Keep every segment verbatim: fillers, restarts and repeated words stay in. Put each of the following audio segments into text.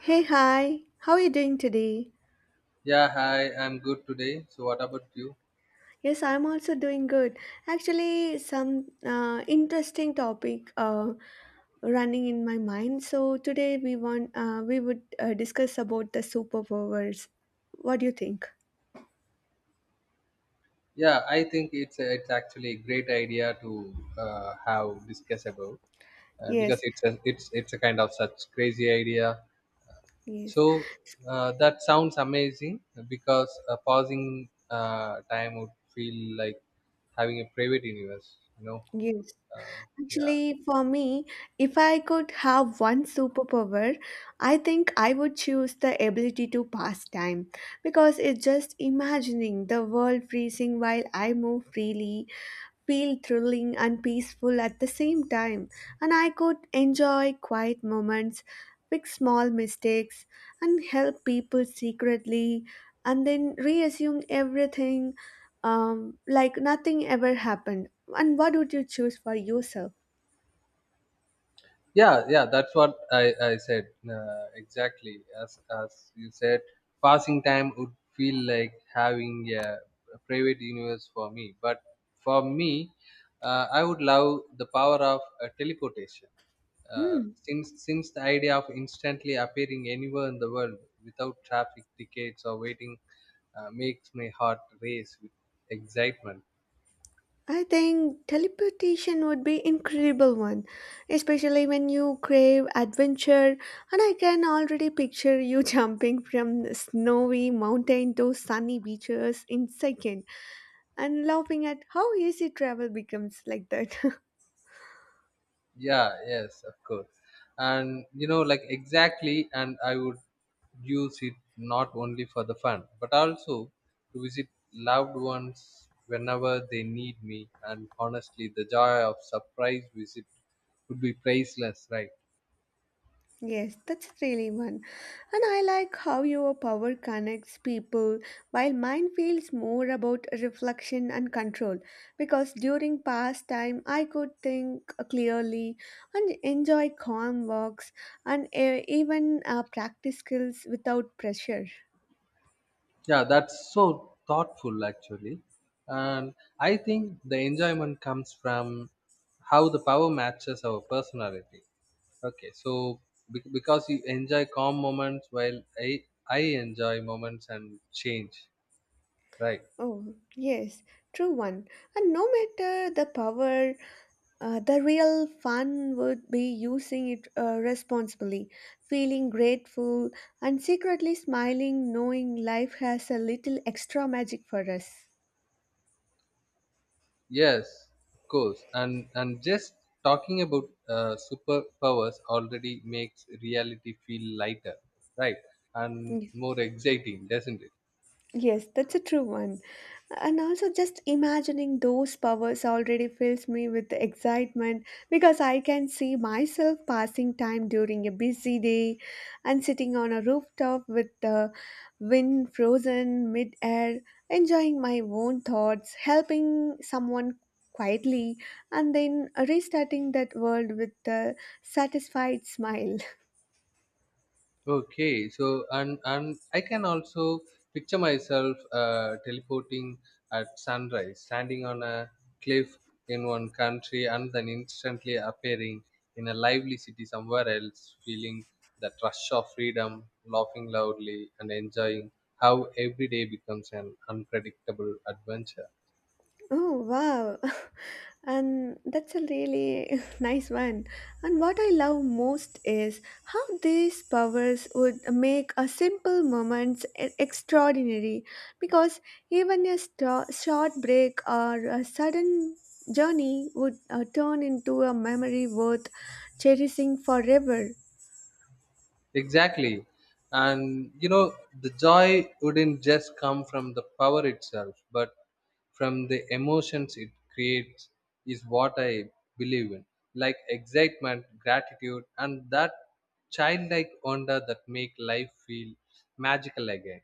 Hey, hi. How are you doing today? Yeah, hi. I'm good today. So, what about you? Yes, I'm also doing good. Actually, some uh, interesting topic uh, running in my mind. So today we want uh, we would uh, discuss about the superpowers. What do you think? Yeah, I think it's it's actually a great idea to uh, have discuss about uh, because Yes, it's a, it's it's a kind of such crazy idea. yes, So uh, that sounds amazing because uh, pausing uh, time would feel like having a private universe. You know, yes. uh, yeah. Actually, for me, if I could have one superpower, I think I would choose the ability to pass time because it's just imagining the world freezing while I move freely feel thrilling and peaceful at the same time, and I could enjoy quiet moments, fix small mistakes, and help people secretly, and then reassume everything um, like nothing ever happened. And what would you choose for yourself? yeah yeah that's what i i said, uh, exactly. As as you said, passing time would feel like having a, a private universe for me, but for me, uh, i would love the power of uh, teleportation, uh, Hmm. since since the idea of instantly appearing anywhere in the world without traffic tickets or waiting uh, makes my heart race with excitement. I think teleportation would be incredible one, especially when you crave adventure, and I can already picture you jumping from snowy mountain to sunny beaches in second and laughing at how easy travel becomes like that. Yeah, yes, of course. And you know like exactly, and i would use it not only for the fun but also to visit loved ones whenever they need me. And honestly, the joy of surprise visit would be priceless, right? Yes, that's really one. And I like how your power connects people while mine feels more about reflection and control because during pastime I could think clearly and enjoy calm walks and uh, even uh, practice skills without pressure. Yeah, that's so thoughtful actually. And i think the enjoyment comes from how the power matches our personality. Okay, so bec- because you enjoy calm moments while I I enjoy moments and change, right? Oh, yes, true one. And no matter the power, Uh, the real fun would be using it uh, responsibly, feeling grateful, and secretly smiling, knowing life has a little extra magic for us. Yes, of course. And and just talking about uh, superpowers already makes reality feel lighter, right? And Y- more exciting, doesn't it? Yes, that's a true one. And also, just imagining those powers already fills me with excitement because I can see myself passing time during a busy day and sitting on a rooftop with the wind frozen mid-air, enjoying my own thoughts, helping someone quietly, and then restarting that world with a satisfied smile. Okay, so and and I can also picture myself uh, teleporting at sunrise, standing on a cliff in one country, and then instantly appearing in a lively city somewhere else, feeling that rush of freedom, laughing loudly, and enjoying how every day becomes an unpredictable adventure. Oh, wow! And that's a really nice one. And what I love most is how these powers would make a simple moments e- extraordinary because even a sto- short break or a sudden journey would uh, turn into a memory worth cherishing forever. Exactly. And you know, the joy wouldn't just come from the power itself, but from the emotions it creates, is what I believe in. Like excitement, gratitude, and that childlike wonder that make life feel magical again.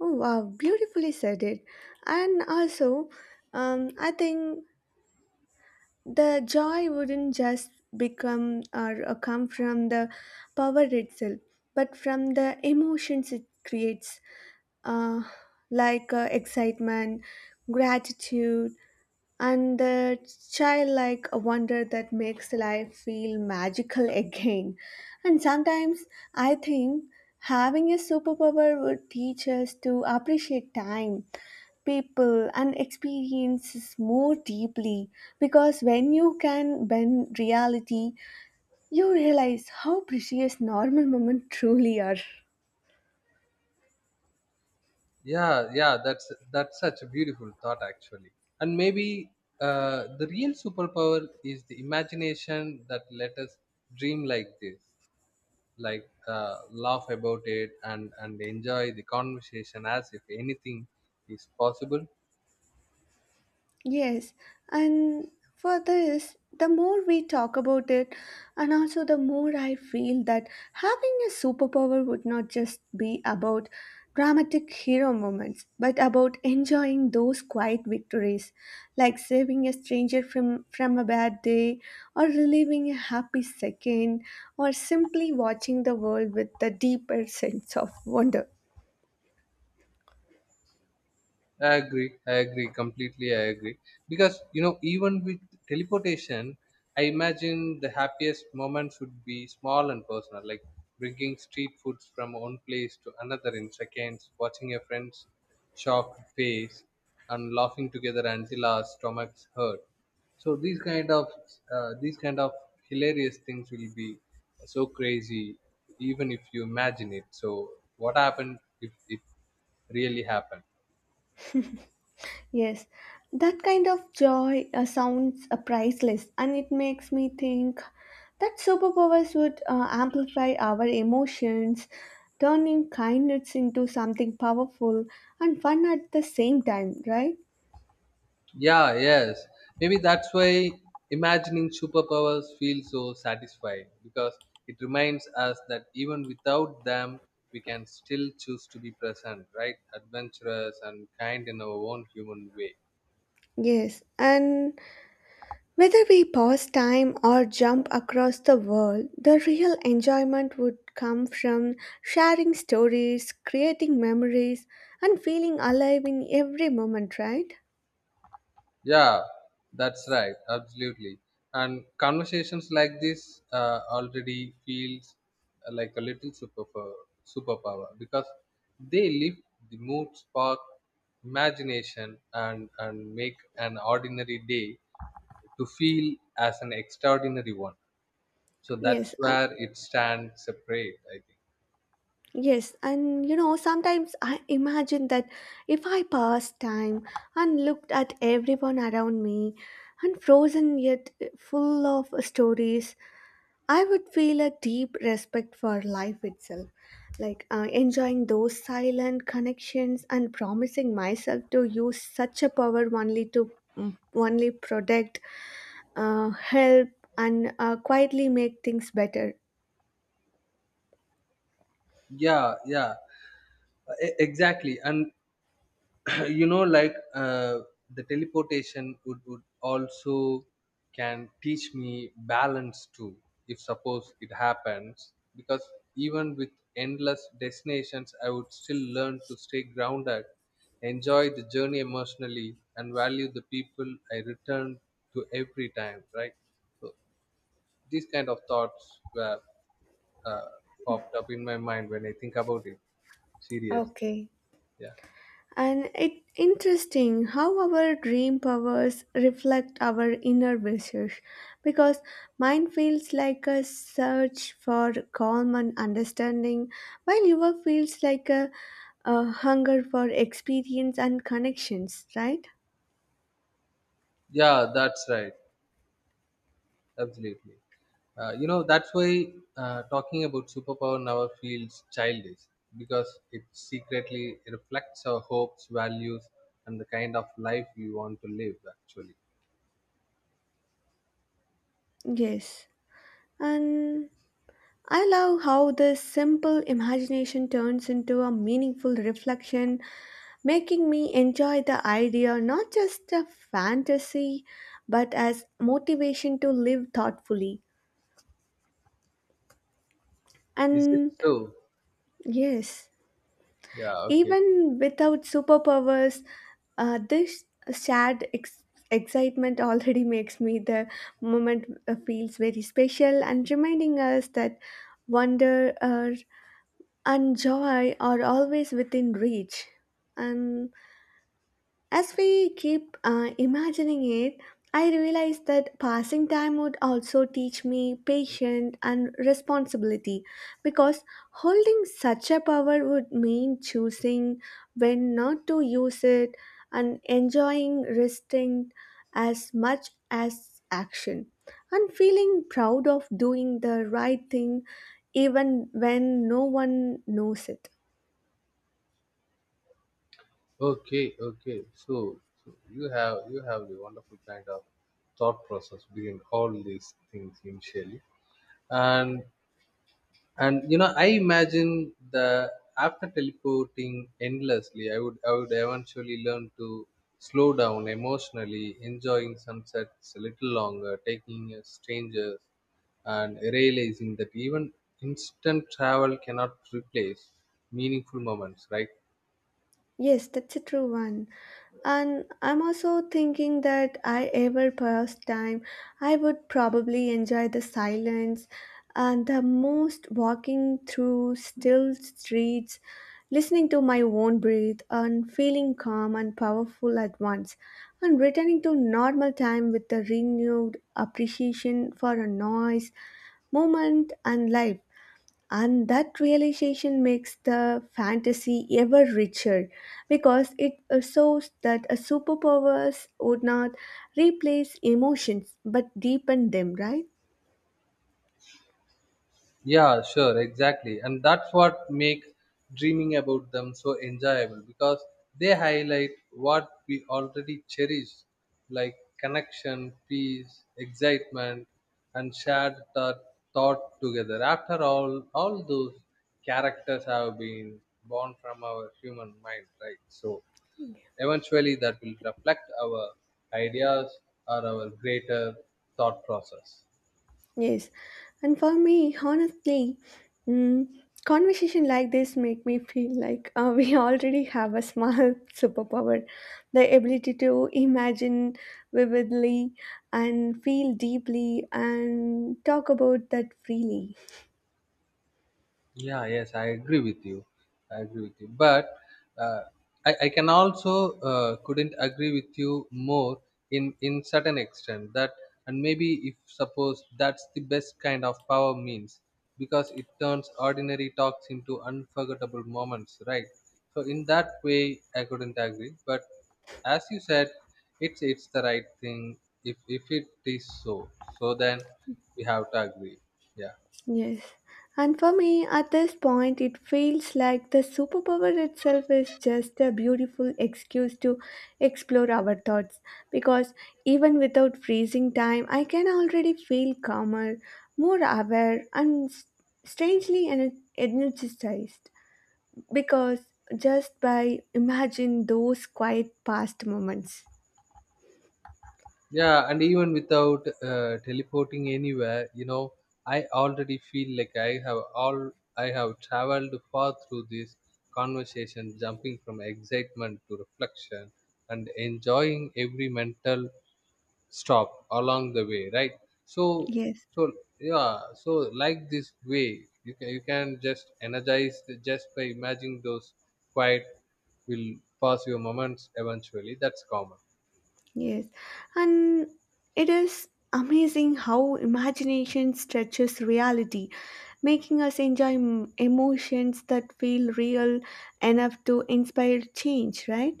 Oh, wow, beautifully said it. And also, um, I think the joy wouldn't just become or, or come from the power itself but from the emotions it creates, uh, like uh, excitement, gratitude, and the childlike wonder that makes life feel magical again. And sometimes I think having a superpower would teach us to appreciate time, people, and experiences more deeply because when you can bend reality, you realize how precious normal moments truly are. Yeah, yeah, that's that's such a beautiful thought actually. And maybe uh, the real superpower is the imagination that let us dream like this, like uh, laugh about it and and enjoy the conversation as if anything is possible. Yes, and for this, the more we talk about it, and also the more I feel that having a superpower would not just be about dramatic hero moments, but about enjoying those quiet victories, like saving a stranger from, from a bad day, or relieving a happy second, or simply watching the world with a deeper sense of wonder. I agree. I agree completely. I agree, because you know, even with teleportation, I imagine the happiest moments would be small and personal, like bringing street foods from one place to another in seconds, watching your friend's shocked face, and laughing together until our stomachs hurt. So these kind of uh, these kind of hilarious things will be so crazy, even if you imagine it. So what happened if it really happened? Yes, that kind of joy uh, sounds uh, priceless, and it makes me think that superpowers would uh, amplify our emotions, turning kindness into something powerful and fun at the same time, right? Yeah, yes. Maybe that's why imagining superpowers feels so satisfying, because it reminds us that even without them, we can still choose to be present, right? Adventurous and kind in our own human way. Yes, and whether we pause time or jump across the world, the real enjoyment would come from sharing stories, creating memories, and feeling alive in every moment, right? Yeah, that's right. Absolutely. And conversations like this uh, already feels uh, like a little super superpower, because they lift the mood, spark imagination, and and make an ordinary day to feel as an extraordinary one. So Yes, that's and. where it stands separate, I think. Yes, and you know, sometimes I imagine that if I passed time and looked at everyone around me and frozen yet full of stories, I would feel a deep respect for life itself. Like uh, enjoying those silent connections and promising myself to use such a power only to mm, only protect, uh, help, and uh, quietly make things better. Yeah, yeah, e- exactly. And Uh, you know, like, uh, the teleportation would, would also can teach me balance too if suppose it happens, because even with endless destinations, i would still learn to stay grounded, enjoy the journey emotionally, and value the people i return to every time, right? So these kind of thoughts were uh, popped up in my mind when i think about it serious. Okay. Yeah, And it interesting how our dream powers reflect our inner wishes because mine feels like a search for calm and understanding while yours feels like a, a hunger for experience and connections, right? yeah, that's right, absolutely. Uh, you know, that's why uh, talking about superpower never feels childish, because it secretly reflects our hopes, values, and the kind of life we want to live, actually. Yes. And I love how this simple imagination turns into a meaningful reflection, making me enjoy the idea not just a fantasy but as motivation to live thoughtfully. Is it And so? yes, Yeah, okay. even without superpowers, uh, this sad ex- excitement already makes me the moment uh, feels very special and reminding us that wonder uh, and joy are always within reach. And as we keep uh, imagining it, I realize that passing time would also teach me patience and responsibility because holding such a power would mean choosing when not to use it and enjoying resting as much as action and feeling proud of doing the right thing even when no one knows it. Okay, okay. So, so you have you have the wonderful kind of thought process behind all these things initially. And and you know, i imagine the after teleporting endlessly i would i would eventually learn to slow down emotionally, enjoying sunsets a little longer, taking in strangers, and realizing that even instant travel cannot replace meaningful moments, right? Yes, that's a true one. And I'm also thinking that I ever passed time, I would probably enjoy the silence and the most walking through still streets, listening to my own breath and feeling calm and powerful at once, and returning to normal time with a renewed appreciation for a noise, movement, and life. And that realization makes the fantasy ever richer because it shows that a superpowers would not replace emotions but deepen them, right? Yeah, sure, exactly. And that's what make dreaming about them so enjoyable, because they highlight what we already cherish, like connection, peace, excitement, and shared thought, thought together. After all, all those characters have been born from our human mind, right? So eventually that will reflect our ideas or our greater thought process. Yes, and for me, honestly, mm, conversation like this make me feel like uh, we already have a small superpower, the ability to imagine vividly and feel deeply and talk about that freely. Yeah, yes, I agree with you. I agree with you. But uh, I, I can also uh, couldn't agree with you more in in certain extent that, and maybe if suppose that's the best kind of power means, because it turns ordinary talks into unforgettable moments, right? So in that way, I couldn't agree. But as you said, it's it's the right thing if if it is so. So then we have to agree. Yeah. Yes, and for me, at this point, it feels like the superpower itself is just a beautiful excuse to explore our thoughts because even without freezing time, I can already feel calmer, more aware, and s- strangely ener- energized because just by imagine those quiet past moments. Yeah, and even without uh, teleporting anywhere, you know, I already feel like I have all I have traveled far through this conversation, jumping from excitement to reflection and enjoying every mental stop along the way, right? So, Yes. so yeah, so like this way, you can you can just energize the- just by imagining those quiet will pass your moments eventually. That's common. Yes, and it is amazing how imagination stretches reality, making us enjoy m- emotions that feel real enough to inspire change, right?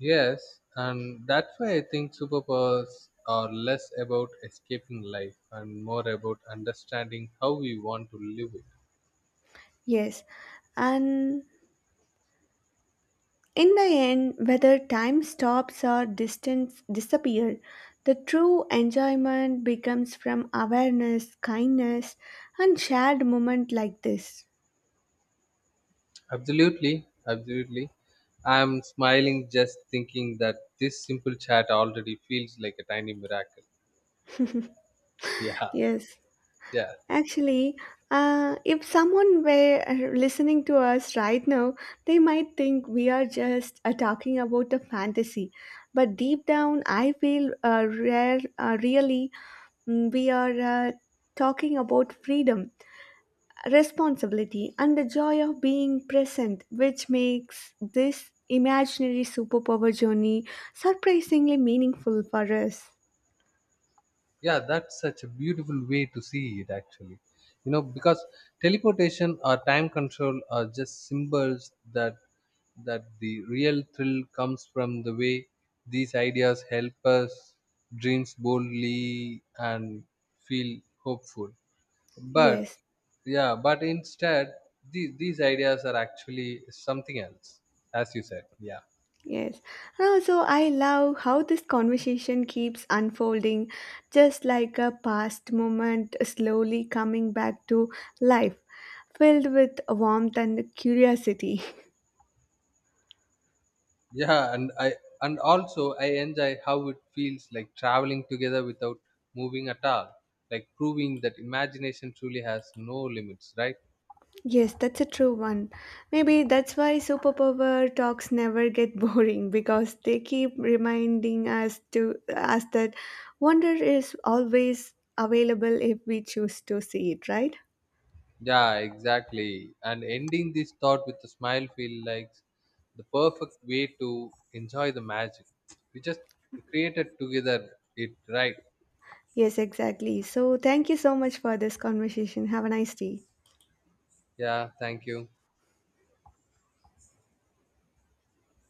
Yes, and that's why I think superpowers are less about escaping life and more about understanding how we want to live it. Yes, and in the end, whether time stops or distance disappear, the true enjoyment becomes from awareness, kindness, and shared moment like this. Absolutely, absolutely. I'm smiling just thinking that this simple chat already feels like a tiny miracle. Yeah, Yes. yeah. Actually, uh, if someone were uh, listening to us right now, they might think we are just uh, talking about a fantasy. But deep down, I feel uh, rare, uh, really, mm, we are uh, talking about freedom, responsibility, and the joy of being present, which makes this imaginary superpower journey surprisingly meaningful for us. Yeah, that's such a beautiful way to see it actually, you know, because teleportation or time control are just symbols, that that the real thrill comes from the way these ideas help us dreams boldly and feel hopeful. But Yes. yeah, but instead these, these ideas are actually something else, as you said. Yeah. Yes. And also, I love how this conversation keeps unfolding, just like a past moment slowly coming back to life, filled with warmth and curiosity. Yeah, and I and also I enjoy how it feels like traveling together without moving at all, like proving that imagination truly has no limits, right? Yes, that's a true one. Maybe that's why superpower talks never get boring because they keep reminding us to us that wonder is always available if we choose to see it, right? Yeah, exactly. And ending this thought with a smile feel like the perfect way to enjoy the magic. We just created together it, right? Yes, exactly. So, thank you so much for this conversation. Have a nice day. Yeah, thank you.